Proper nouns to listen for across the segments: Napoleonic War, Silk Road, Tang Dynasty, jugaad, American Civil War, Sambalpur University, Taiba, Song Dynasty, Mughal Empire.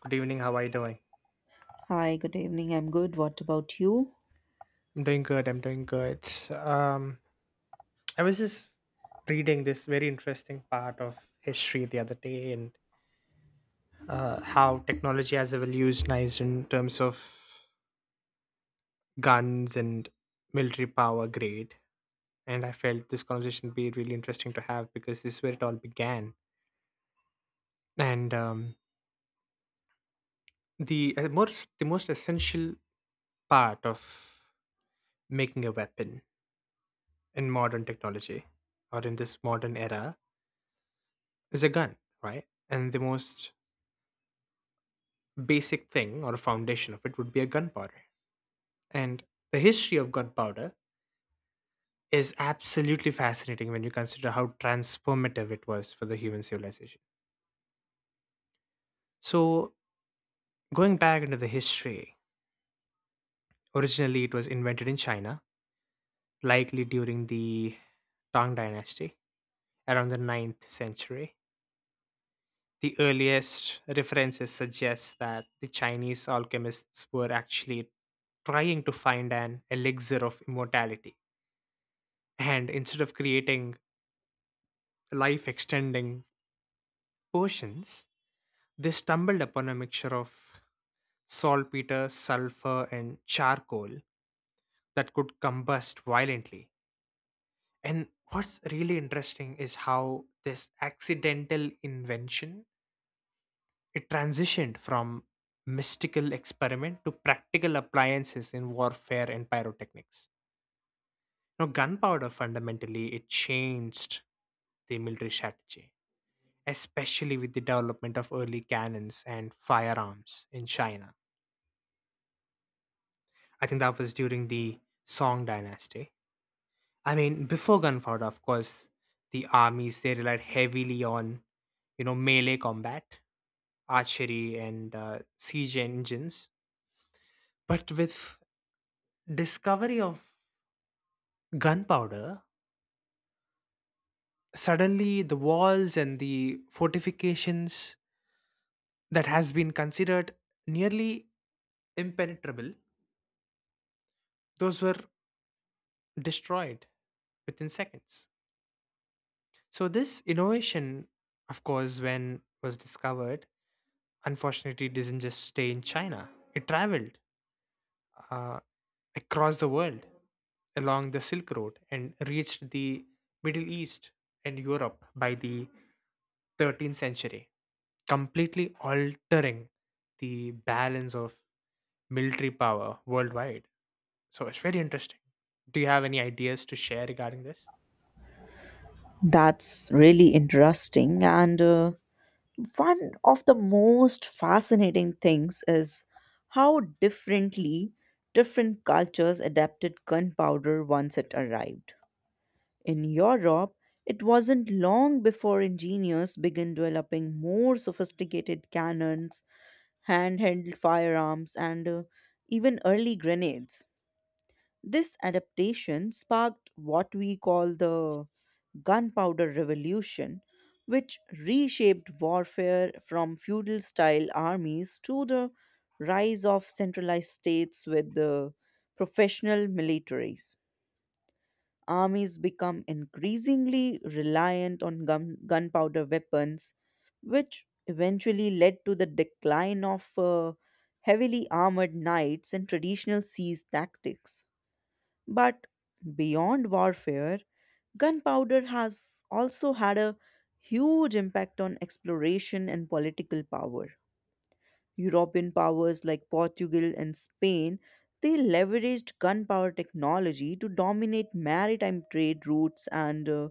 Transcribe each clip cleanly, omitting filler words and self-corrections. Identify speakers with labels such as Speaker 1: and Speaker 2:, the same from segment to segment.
Speaker 1: Good evening. How are you doing?
Speaker 2: Hi, good evening. I'm good. What about you?
Speaker 1: I'm doing good. I'm doing good. Um, I was just reading this very interesting part of history the other day, and how technology has evolutionized in terms of guns and military power grade. And I felt this conversation would be really interesting to have because this is where it all began. And the most the most essential part of making a weapon in modern technology or in this modern era is a gun, right? And the most basic thing or foundation of it would be a gunpowder. And the history of gunpowder is absolutely fascinating when you consider how transformative it was for the human civilization. So, going back into the history, originally it was invented in China, likely during the Tang Dynasty, around the ninth century. The earliest references suggest that the Chinese alchemists were actually trying to find an elixir of immortality. And instead of creating life extending potions, they stumbled upon a mixture of saltpeter, sulfur, and charcoal that could combust violently. And what's really interesting is how this accidental invention it transitioned from mystical experiment to practical appliances in warfare and pyrotechnics. Now, gunpowder fundamentally it changed the military strategy, especially with the development of early cannons and firearms in China. I think that was during the Song dynasty. I mean, before gunpowder, of course, the armies they relied heavily on, you know, melee combat, archery, and siege engines. But with discovery of gunpowder, suddenly the walls and the fortifications that has been considered nearly impenetrable, those were destroyed within seconds. So this innovation, of course, when was discovered, unfortunately didn't just stay in China. It traveled uh, across the world along the Silk Road and reached the Middle East and Europe by the 13th century, completely altering the balance of military power worldwide. So it's very interesting. Do you have any ideas to share regarding this?
Speaker 2: That's really interesting. And one of the most fascinating things is how differently different cultures adapted gunpowder once it arrived. In Europe, it wasn't long before engineers began developing more sophisticated cannons, handheld firearms, and even early grenades. This adaptation sparked what we call the Gunpowder Revolution, which reshaped warfare from feudal style armies to the rise of centralized states with the professional militaries. Armies become increasingly reliant on gunpowder weapons, which eventually led to the decline of heavily armored knights and traditional siege tactics. But beyond warfare, Gunpowder has also had a huge impact on exploration and political power. European powers like Portugal and Spain, they leveraged gunpowder technology to dominate maritime trade routes and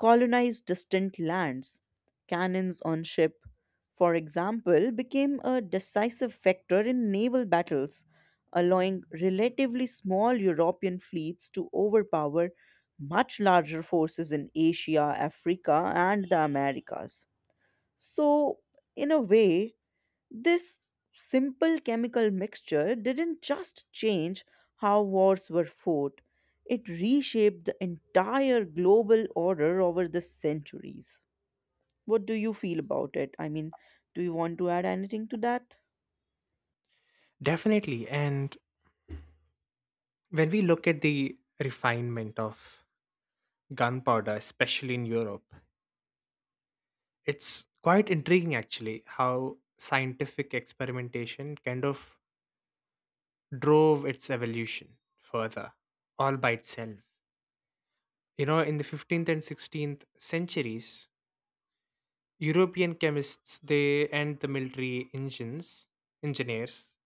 Speaker 2: colonize distant lands. Cannons on ship, for example, became a decisive factor in naval battles, allowing relatively small European fleets to overpower much larger forces in Asia, Africa, and the Americas. So, in a way, this simple chemical mixture didn't just change how wars were fought, it reshaped the entire global order over the centuries. What do you feel about it? I mean, do you want to add anything to that?
Speaker 1: Definitely. And when we look at the refinement of gunpowder, especially in Europe, it's quite intriguing actually how scientific experimentation kind of drove its evolution further all by itself. You know, in the 15th and 16th centuries, European chemists they and the military engines engineers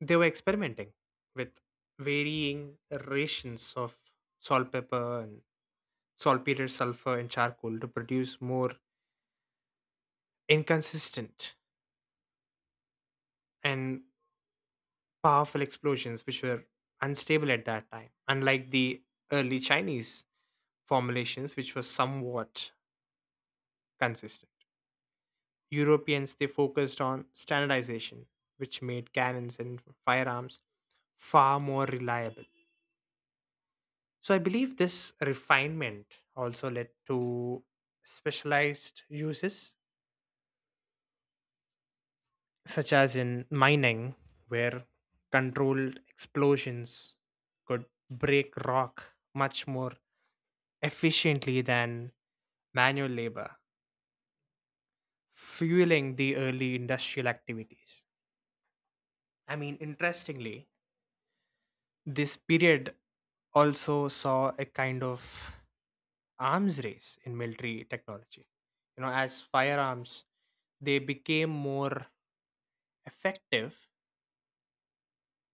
Speaker 1: they were experimenting with varying rations of salt pepper and saltpeter sulfur and charcoal to produce more inconsistent and powerful explosions which were unstable at that time, unlike the early Chinese formulations, which were somewhat consistent. Europeans they focused on standardization, which made cannons and firearms far more reliable. So I believe this refinement also led to specialized uses, such as in mining, where controlled explosions could break rock much more efficiently than manual labor, fueling the early industrial activities. I mean, interestingly, this period also saw a kind of arms race in military technology. You know, as firearms, they became more effective,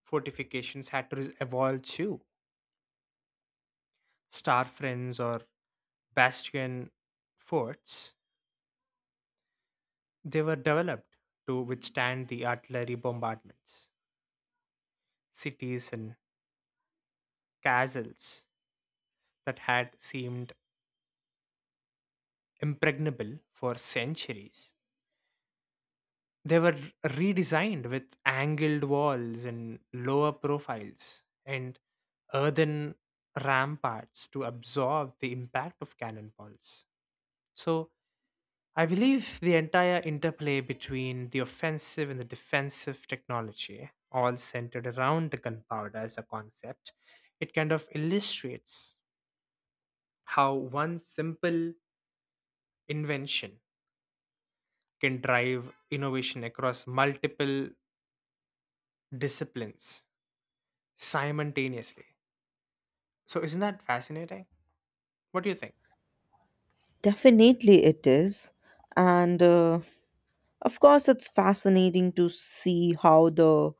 Speaker 1: fortifications had to evolve too. Star friends or bastion forts, they were developed to withstand the artillery bombardments. Cities and castles that had seemed impregnable for centuries. They were redesigned with angled walls and lower profiles and earthen ramparts to absorb the impact of cannonballs. So, I believe the entire interplay between the offensive and the defensive technology, all centered around the gunpowder as a concept, it kind of illustrates how one simple invention can drive innovation across multiple disciplines simultaneously. So, isn't that fascinating? What do you think?
Speaker 2: Definitely it is. And of course, it's fascinating to see how the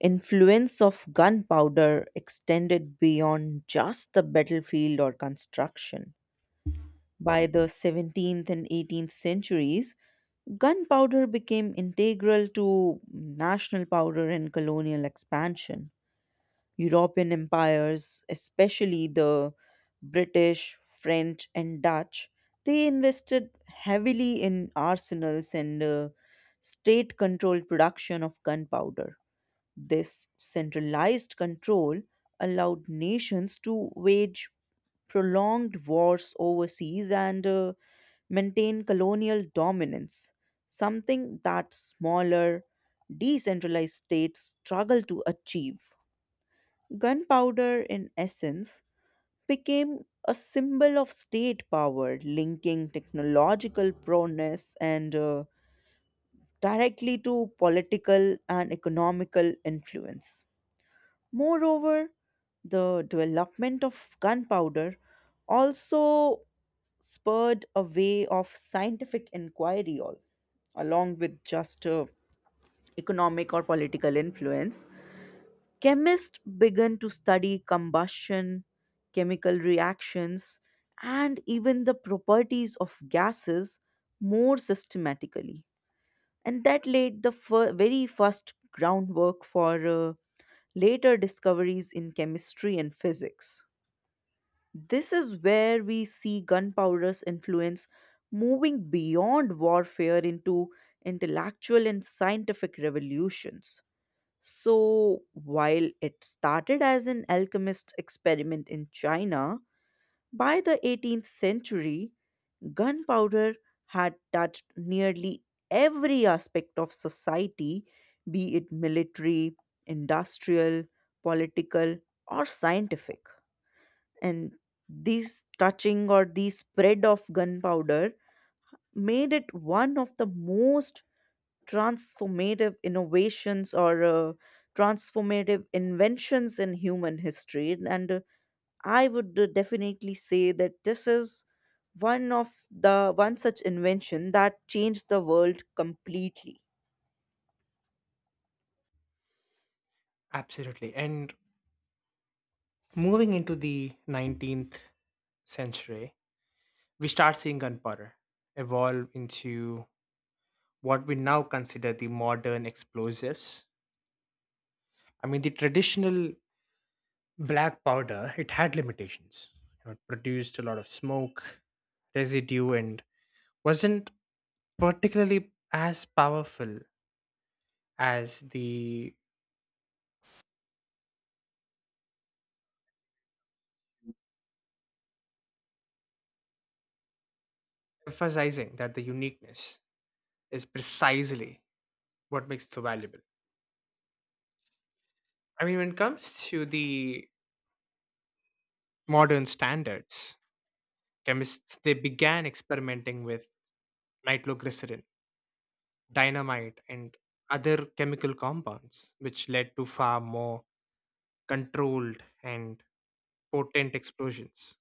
Speaker 2: influence of gunpowder extended beyond just the battlefield or construction. By the 17th and 18th centuries, gunpowder became integral to national powder and colonial expansion. European empires, especially the British, French, and Dutch, they invested heavily in arsenals and state controlled production of gunpowder. This centralized control allowed nations to wage prolonged wars overseas and maintain colonial dominance, something that smaller, decentralized states struggle to achieve. Gunpowder, in essence, became a symbol of state power, linking technological prowess and directly to political and economical influence. Moreover, the development of gunpowder also spurred a way of scientific inquiry, all, along with just economic or political influence. Chemists began to study combustion, chemical reactions, and even the properties of gases more systematically. And that laid the very first groundwork for later discoveries in chemistry and physics. This is where we see gunpowder's influence moving beyond warfare into intellectual and scientific revolutions. So, while it started as an alchemist's experiment in China, by the 18th century, Gunpowder had touched nearly every aspect of society, be it military, industrial, political, or scientific. And this touching or the spread of gunpowder made it one of the most transformative innovations or transformative inventions in human history. And I would definitely say that this is one of the one such invention that changed the world completely.
Speaker 1: Absolutely. And moving into the 19th century, we start seeing gunpowder evolve into what we now consider the modern explosives. I mean, the traditional black powder, it had limitations. You know, it produced a lot of smoke, residue, and wasn't particularly as powerful as the emphasizing that the uniqueness is precisely what makes it so valuable. I mean, when it comes to the modern standards, chemists they began experimenting with nitroglycerin, dynamite, and other chemical compounds, which led to far more controlled and potent explosions.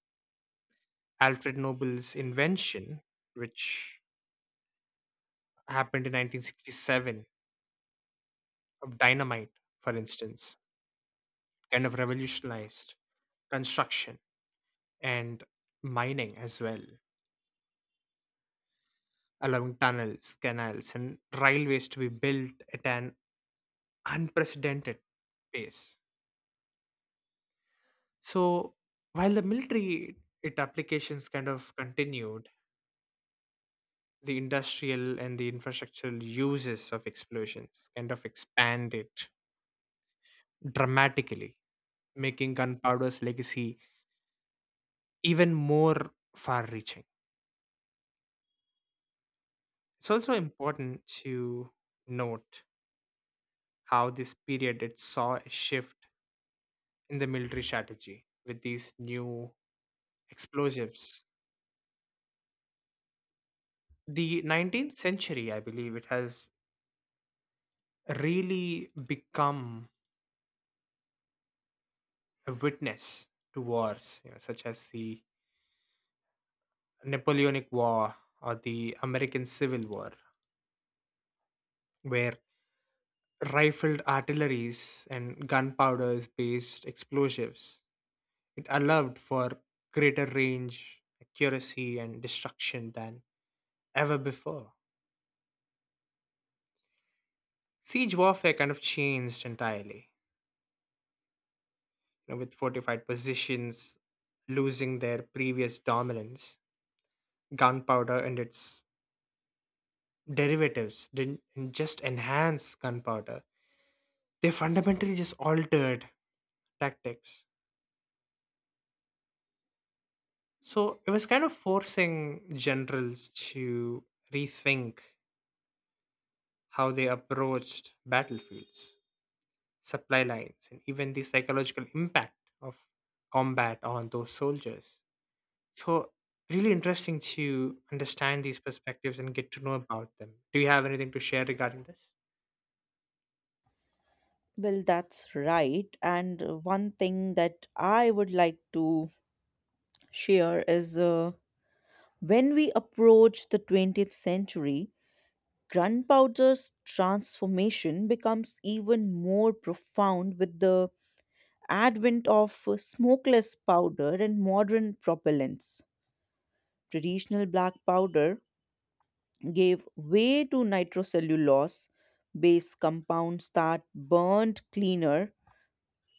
Speaker 1: Alfred Nobel's invention, which happened in 1967 of dynamite, for instance, kind of revolutionized construction and mining as well, allowing tunnels, canals, and railways to be built at an unprecedented pace. So, while the military it applications kind of continued, the industrial and the infrastructural uses of explosions kind of expanded dramatically, making gunpowder's legacy even more far reaching. It's also important to note how this period it saw a shift in the military strategy with these new explosives. The 19th century, I believe, it has really become a witness to wars, you know, such as the Napoleonic War or the American Civil War, where rifled artilleries and gunpowders based explosives it allowed for greater range, accuracy, and destruction than ever before. Siege warfare kind of changed entirely, you know, with fortified positions losing their previous dominance. Gunpowder and its derivatives didn't just enhance gunpowder, they fundamentally just altered tactics. So it was kind of forcing generals to rethink how they approached battlefields. Supply lines, and even the psychological impact of combat on those soldiers. So, really interesting to understand these perspectives and get to know about them. Do you have anything to share regarding this?
Speaker 2: Well, that's right. And one thing that I would like to share is when we approach the 20th century, Gunpowder's transformation becomes even more profound with the advent of smokeless powder and modern propellants. Traditional black powder gave way to nitrocellulose based compounds that burned cleaner,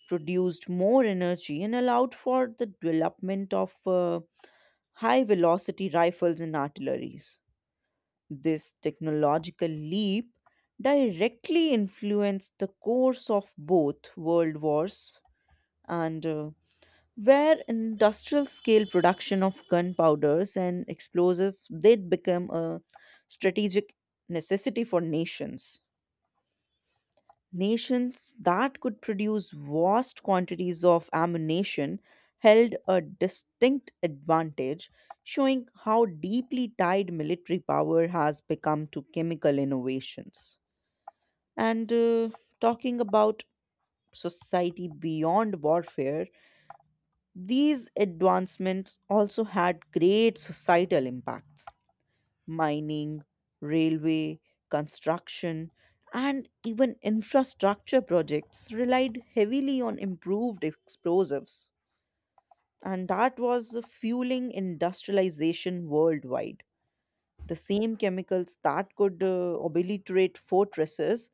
Speaker 2: produced more energy, and allowed for the development of high velocity rifles and artilleries. This technological leap directly influenced the course of both world wars and where industrial scale production of gunpowders and explosives did become a strategic necessity for nations. Nations that could produce vast quantities of ammunition held a distinct advantage, showing how deeply tied military power has become to chemical innovations. And talking about society beyond warfare, these advancements also had great societal impacts: mining, railway, construction, and even infrastructure projects relied heavily on improved explosives, and that was fueling industrialization worldwide. The same chemicals that could obliterate fortresses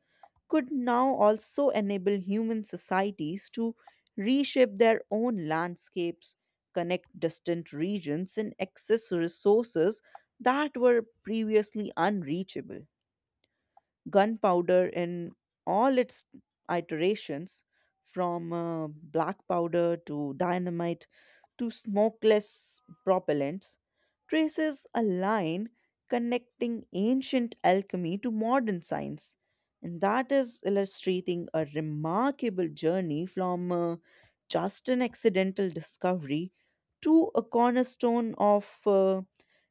Speaker 2: could now also enable human societies to reshape their own landscapes, connect distant regions, and access resources that were previously unreachable. Gunpowder in all its iterations, from black powder to dynamite to smokeless propellants, traces a line connecting ancient alchemy to modern science. And that is illustrating a remarkable journey from just an accidental discovery to a cornerstone of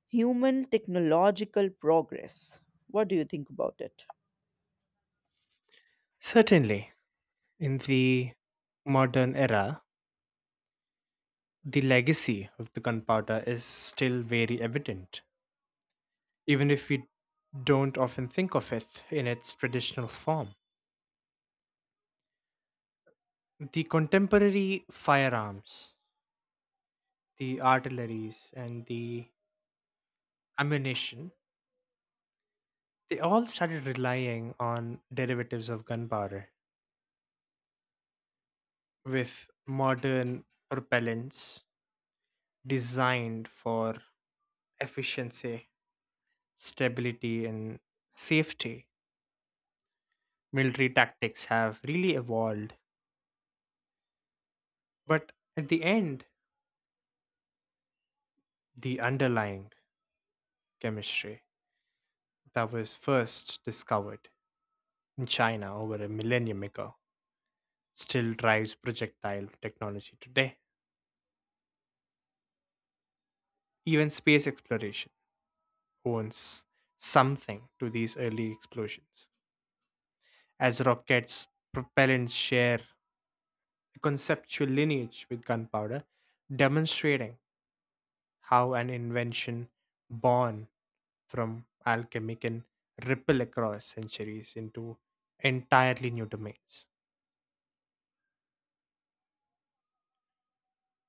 Speaker 2: human technological progress. What do you think about it?
Speaker 1: Certainly. In the modern era, the legacy of the gunpowder is still very evident, even if we don't often think of it in its traditional form. The contemporary firearms, the artilleries, and the ammunition they all started relying on derivatives of gunpowder with modern propellants designed for efficiency, stability, and safety. Military tactics have really evolved, but at the end, the underlying chemistry that was first discovered in China over a millennium ago still drives projectile technology today. Even space exploration owns something to these early explosions. As rockets' propellants share a conceptual lineage with gunpowder, demonstrating how an invention born from alchemy can ripple across centuries into entirely new domains.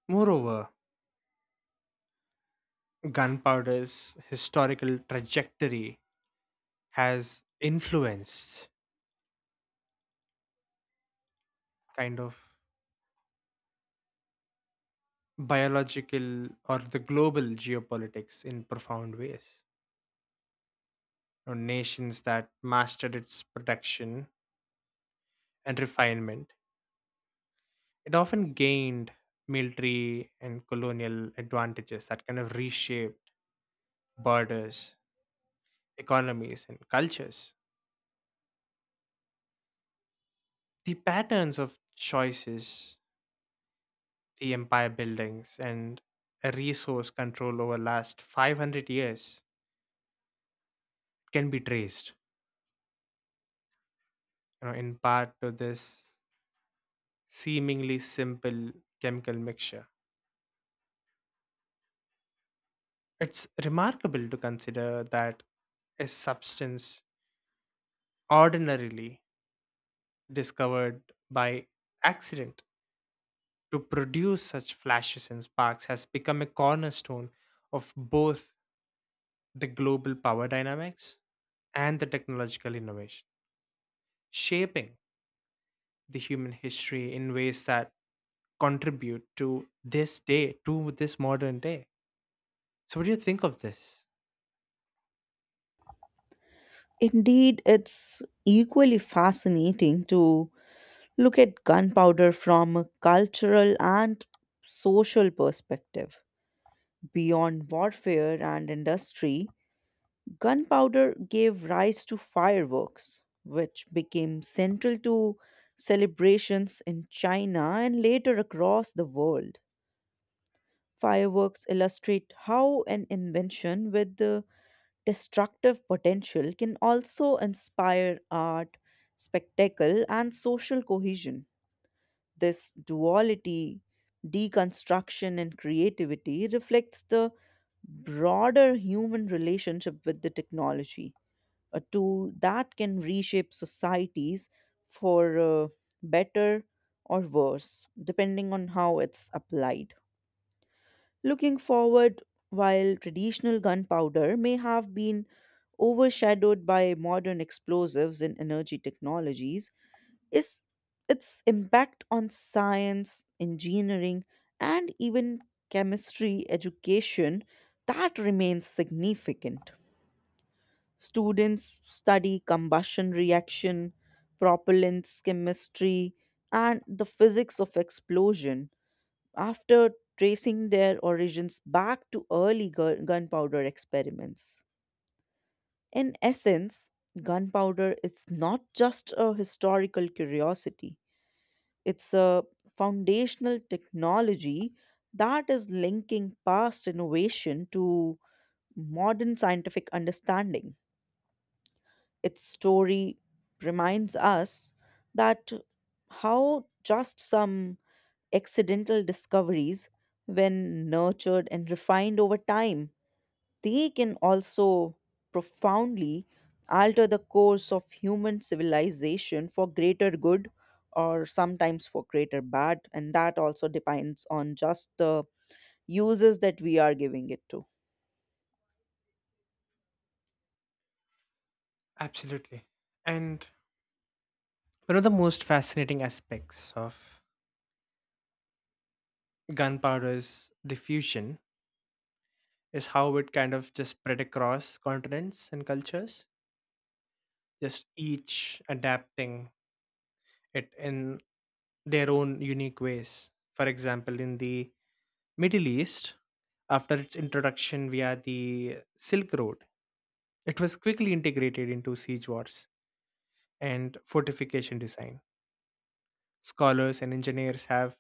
Speaker 1: Moreover, gunpowder's historical trajectory has influenced kind of biological or the global geopolitics in profound ways, or nations that mastered its protection and refinement. It often gained military and colonial advantages that kind of reshaped borders, economies, and cultures. The patterns of choices, the empire buildings, and a resource control over last 500 years can be traced, you know, in part to this seemingly simple chemical mixture. It's remarkable to consider that a substance ordinarily discovered by accident to produce such flashes and sparks has become a cornerstone of both the global power dynamics and the technological innovation, shaping the human history in ways that contribute to this day, to this modern day. So, what do you think of this?
Speaker 2: Indeed, it's equally fascinating to look at gunpowder from a cultural and social perspective. Beyond warfare and industry, gunpowder gave rise to fireworks, which became central to celebrations in China and later across the world. Fireworks illustrate how an invention with the destructive potential can also inspire art, spectacle, and social cohesion. This duality, deconstruction, and creativity reflects the broader human relationship with the technology, a tool that can reshape societies for better or worse, depending on how it's applied. Looking forward, while traditional gunpowder may have been overshadowed by modern explosives and energy technologies, is its impact on science, engineering, and even chemistry education that remains significant. Students study combustion reaction, propellants chemistry, and the physics of explosion after tracing their origins back to early gunpowder experiments. In essence, gunpowder is not just a historical curiosity. It's a foundational technology that is linking past innovation to modern scientific understanding. Its story reminds us that how just some accidental discoveries, when nurtured and refined over time, they can also profoundly alter the course of human civilization for greater good or sometimes for greater bad, and that also depends on just the uses that we are giving it to.
Speaker 1: Absolutely. And one of the most fascinating aspects of gunpowder's diffusion is how it kind of just spread across continents and cultures, just each adapting it in their own unique ways. For example, in the Middle East, after its introduction via the Silk Road, it was quickly integrated into siege wars and fortification design. Scholars and engineers have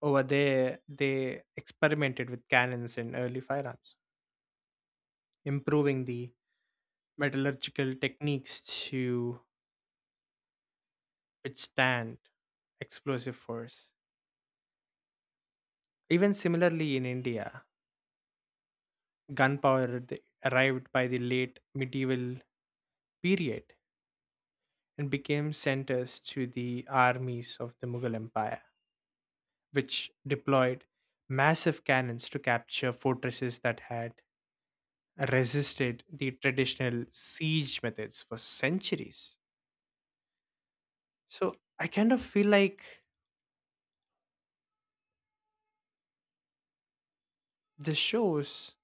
Speaker 1: over there they experimented with cannons and early firearms, improving the metallurgical techniques to withstand explosive force. Even similarly in India, gunpowder arrived by the late medieval period and became centers to the armies of the Mughal Empire, which deployed massive cannons to capture fortresses that had resisted the traditional siege methods for centuries. So I kind of feel like this shows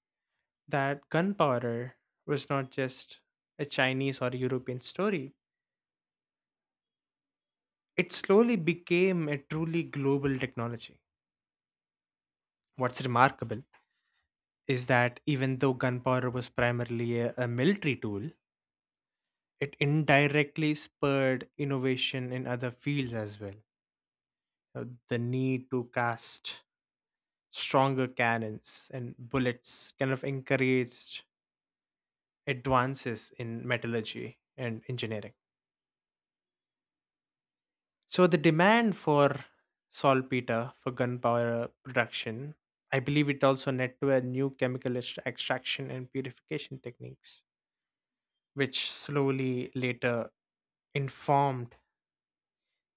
Speaker 1: that gunpowder was not just a Chinese or European story. It slowly became a truly global technology. What's remarkable is that even though gunpowder was primarily a military tool, it indirectly spurred innovation in other fields as well. The need to cast stronger cannons and bullets kind of encouraged advances in metallurgy and engineering. So the demand for saltpeter for gunpowder production, I believe it also led to a new chemical extraction and purification techniques, which slowly later informed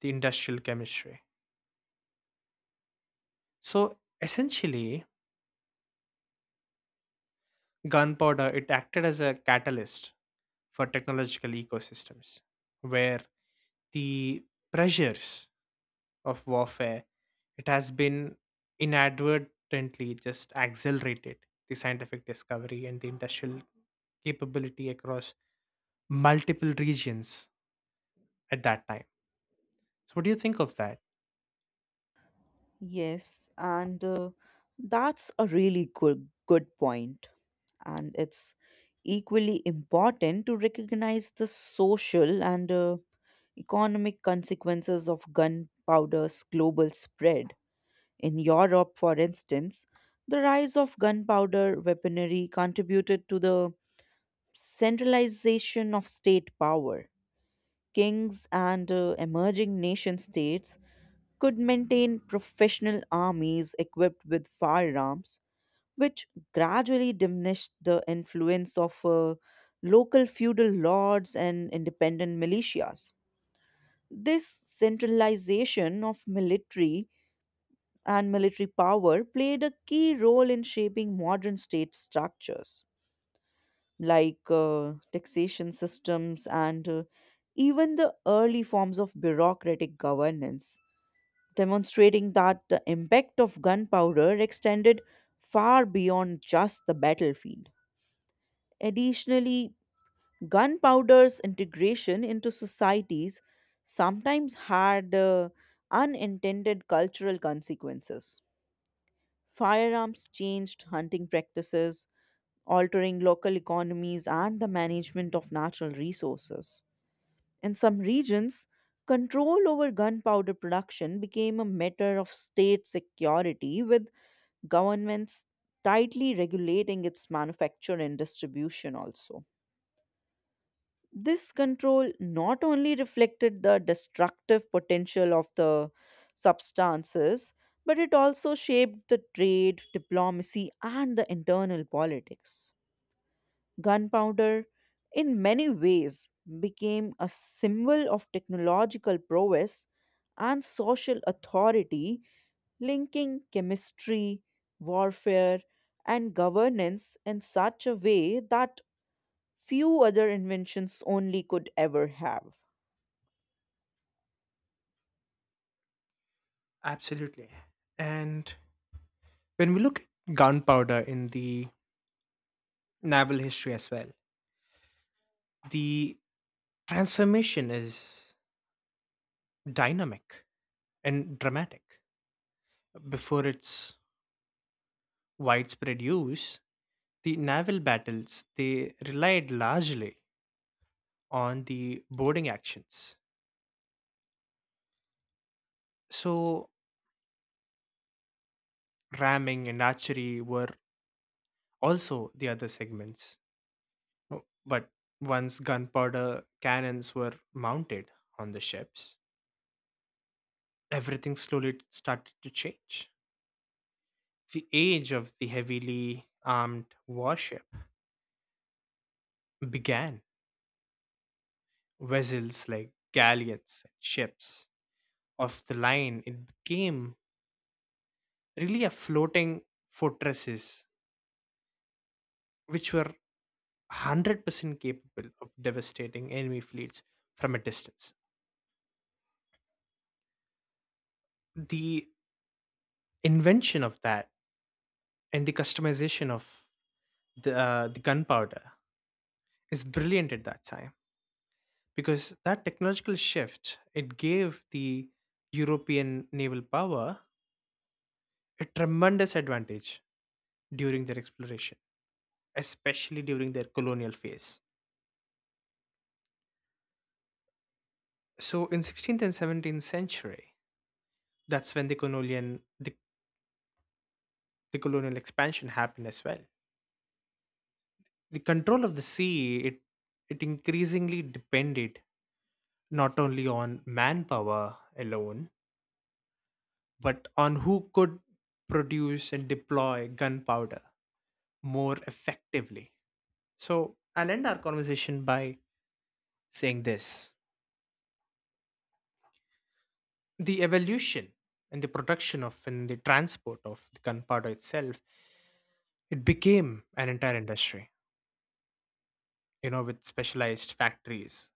Speaker 1: the industrial chemistry. So essentially, gunpowder it acted as a catalyst for technological ecosystems, where the pressures of warfare, it has been inadvertently just accelerated the scientific discovery and the industrial capability across multiple regions at that time. So, what do you think of that?
Speaker 2: Yes, and that's a really good point. And it's equally important to recognize the social and economic consequences of gunpowder's global spread. In Europe, for instance, the rise of gunpowder weaponry contributed to the centralization of state power. Kings and emerging nation states could maintain professional armies equipped with firearms, which gradually diminished the influence of local feudal lords and independent militias. This centralization of military power played a key role in shaping modern state structures like taxation systems and even the early forms of bureaucratic governance, demonstrating that the impact of gunpowder extended far beyond just the battlefield. Additionally, gunpowder's integration into societies sometimes had unintended cultural consequences. Firearms changed hunting practices, altering local economies and the management of natural resources. In some regions, control over gunpowder production became a matter of state security, with governments tightly regulating its manufacture and distribution also. This control not only reflected the destructive potential of the substances, but it also shaped the trade, diplomacy, and the internal politics. Gunpowder, in many ways, became a symbol of technological prowess and social authority, linking chemistry, warfare, and governance in such a way that few other inventions only could ever have.
Speaker 1: Absolutely. And when we look at gunpowder in the naval history as well, the transformation is dynamic and dramatic. Before its widespread use, the naval battles they relied largely on the boarding actions. So, ramming and archery were also the other segments. No, but once gunpowder cannons were mounted on the ships, everything slowly started to change. The age of the heavily armed warship began. Vessels like galleons and ships of the line, it became really a floating fortresses which were 100% capable of devastating enemy fleets from a distance. The invention of that and the customization of the gunpowder is brilliant at that time because that technological shift it gave the European naval power a tremendous advantage during their exploration, especially during their colonial phase. So in 16th and 17th century, that's when the colonial expansion happened as well. The control of the sea, it increasingly depended not only on manpower alone, but on who could produce and deploy gunpowder more effectively. So I'll end our conversation by saying this, the evolution and the production of and the transport of the gunpowder itself, it became an entire industry, you know, with specialized factories,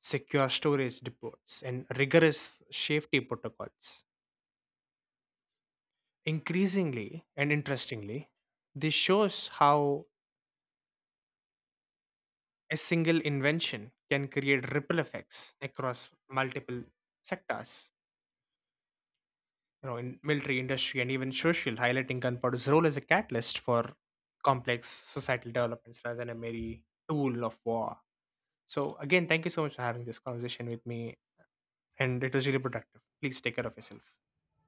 Speaker 1: secure storage depots, and rigorous safety protocols. Increasingly and interestingly, this shows how a single invention can create ripple effects across multiple sectors, you know, in military, industry, and even social, highlighting gunpowder's role as a catalyst for complex societal developments rather than a mere tool of war. So, again, thank you so much for having this conversation with me, and it was really productive. Please take care of yourself.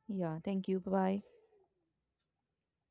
Speaker 2: Yeah, thank you. Bye bye.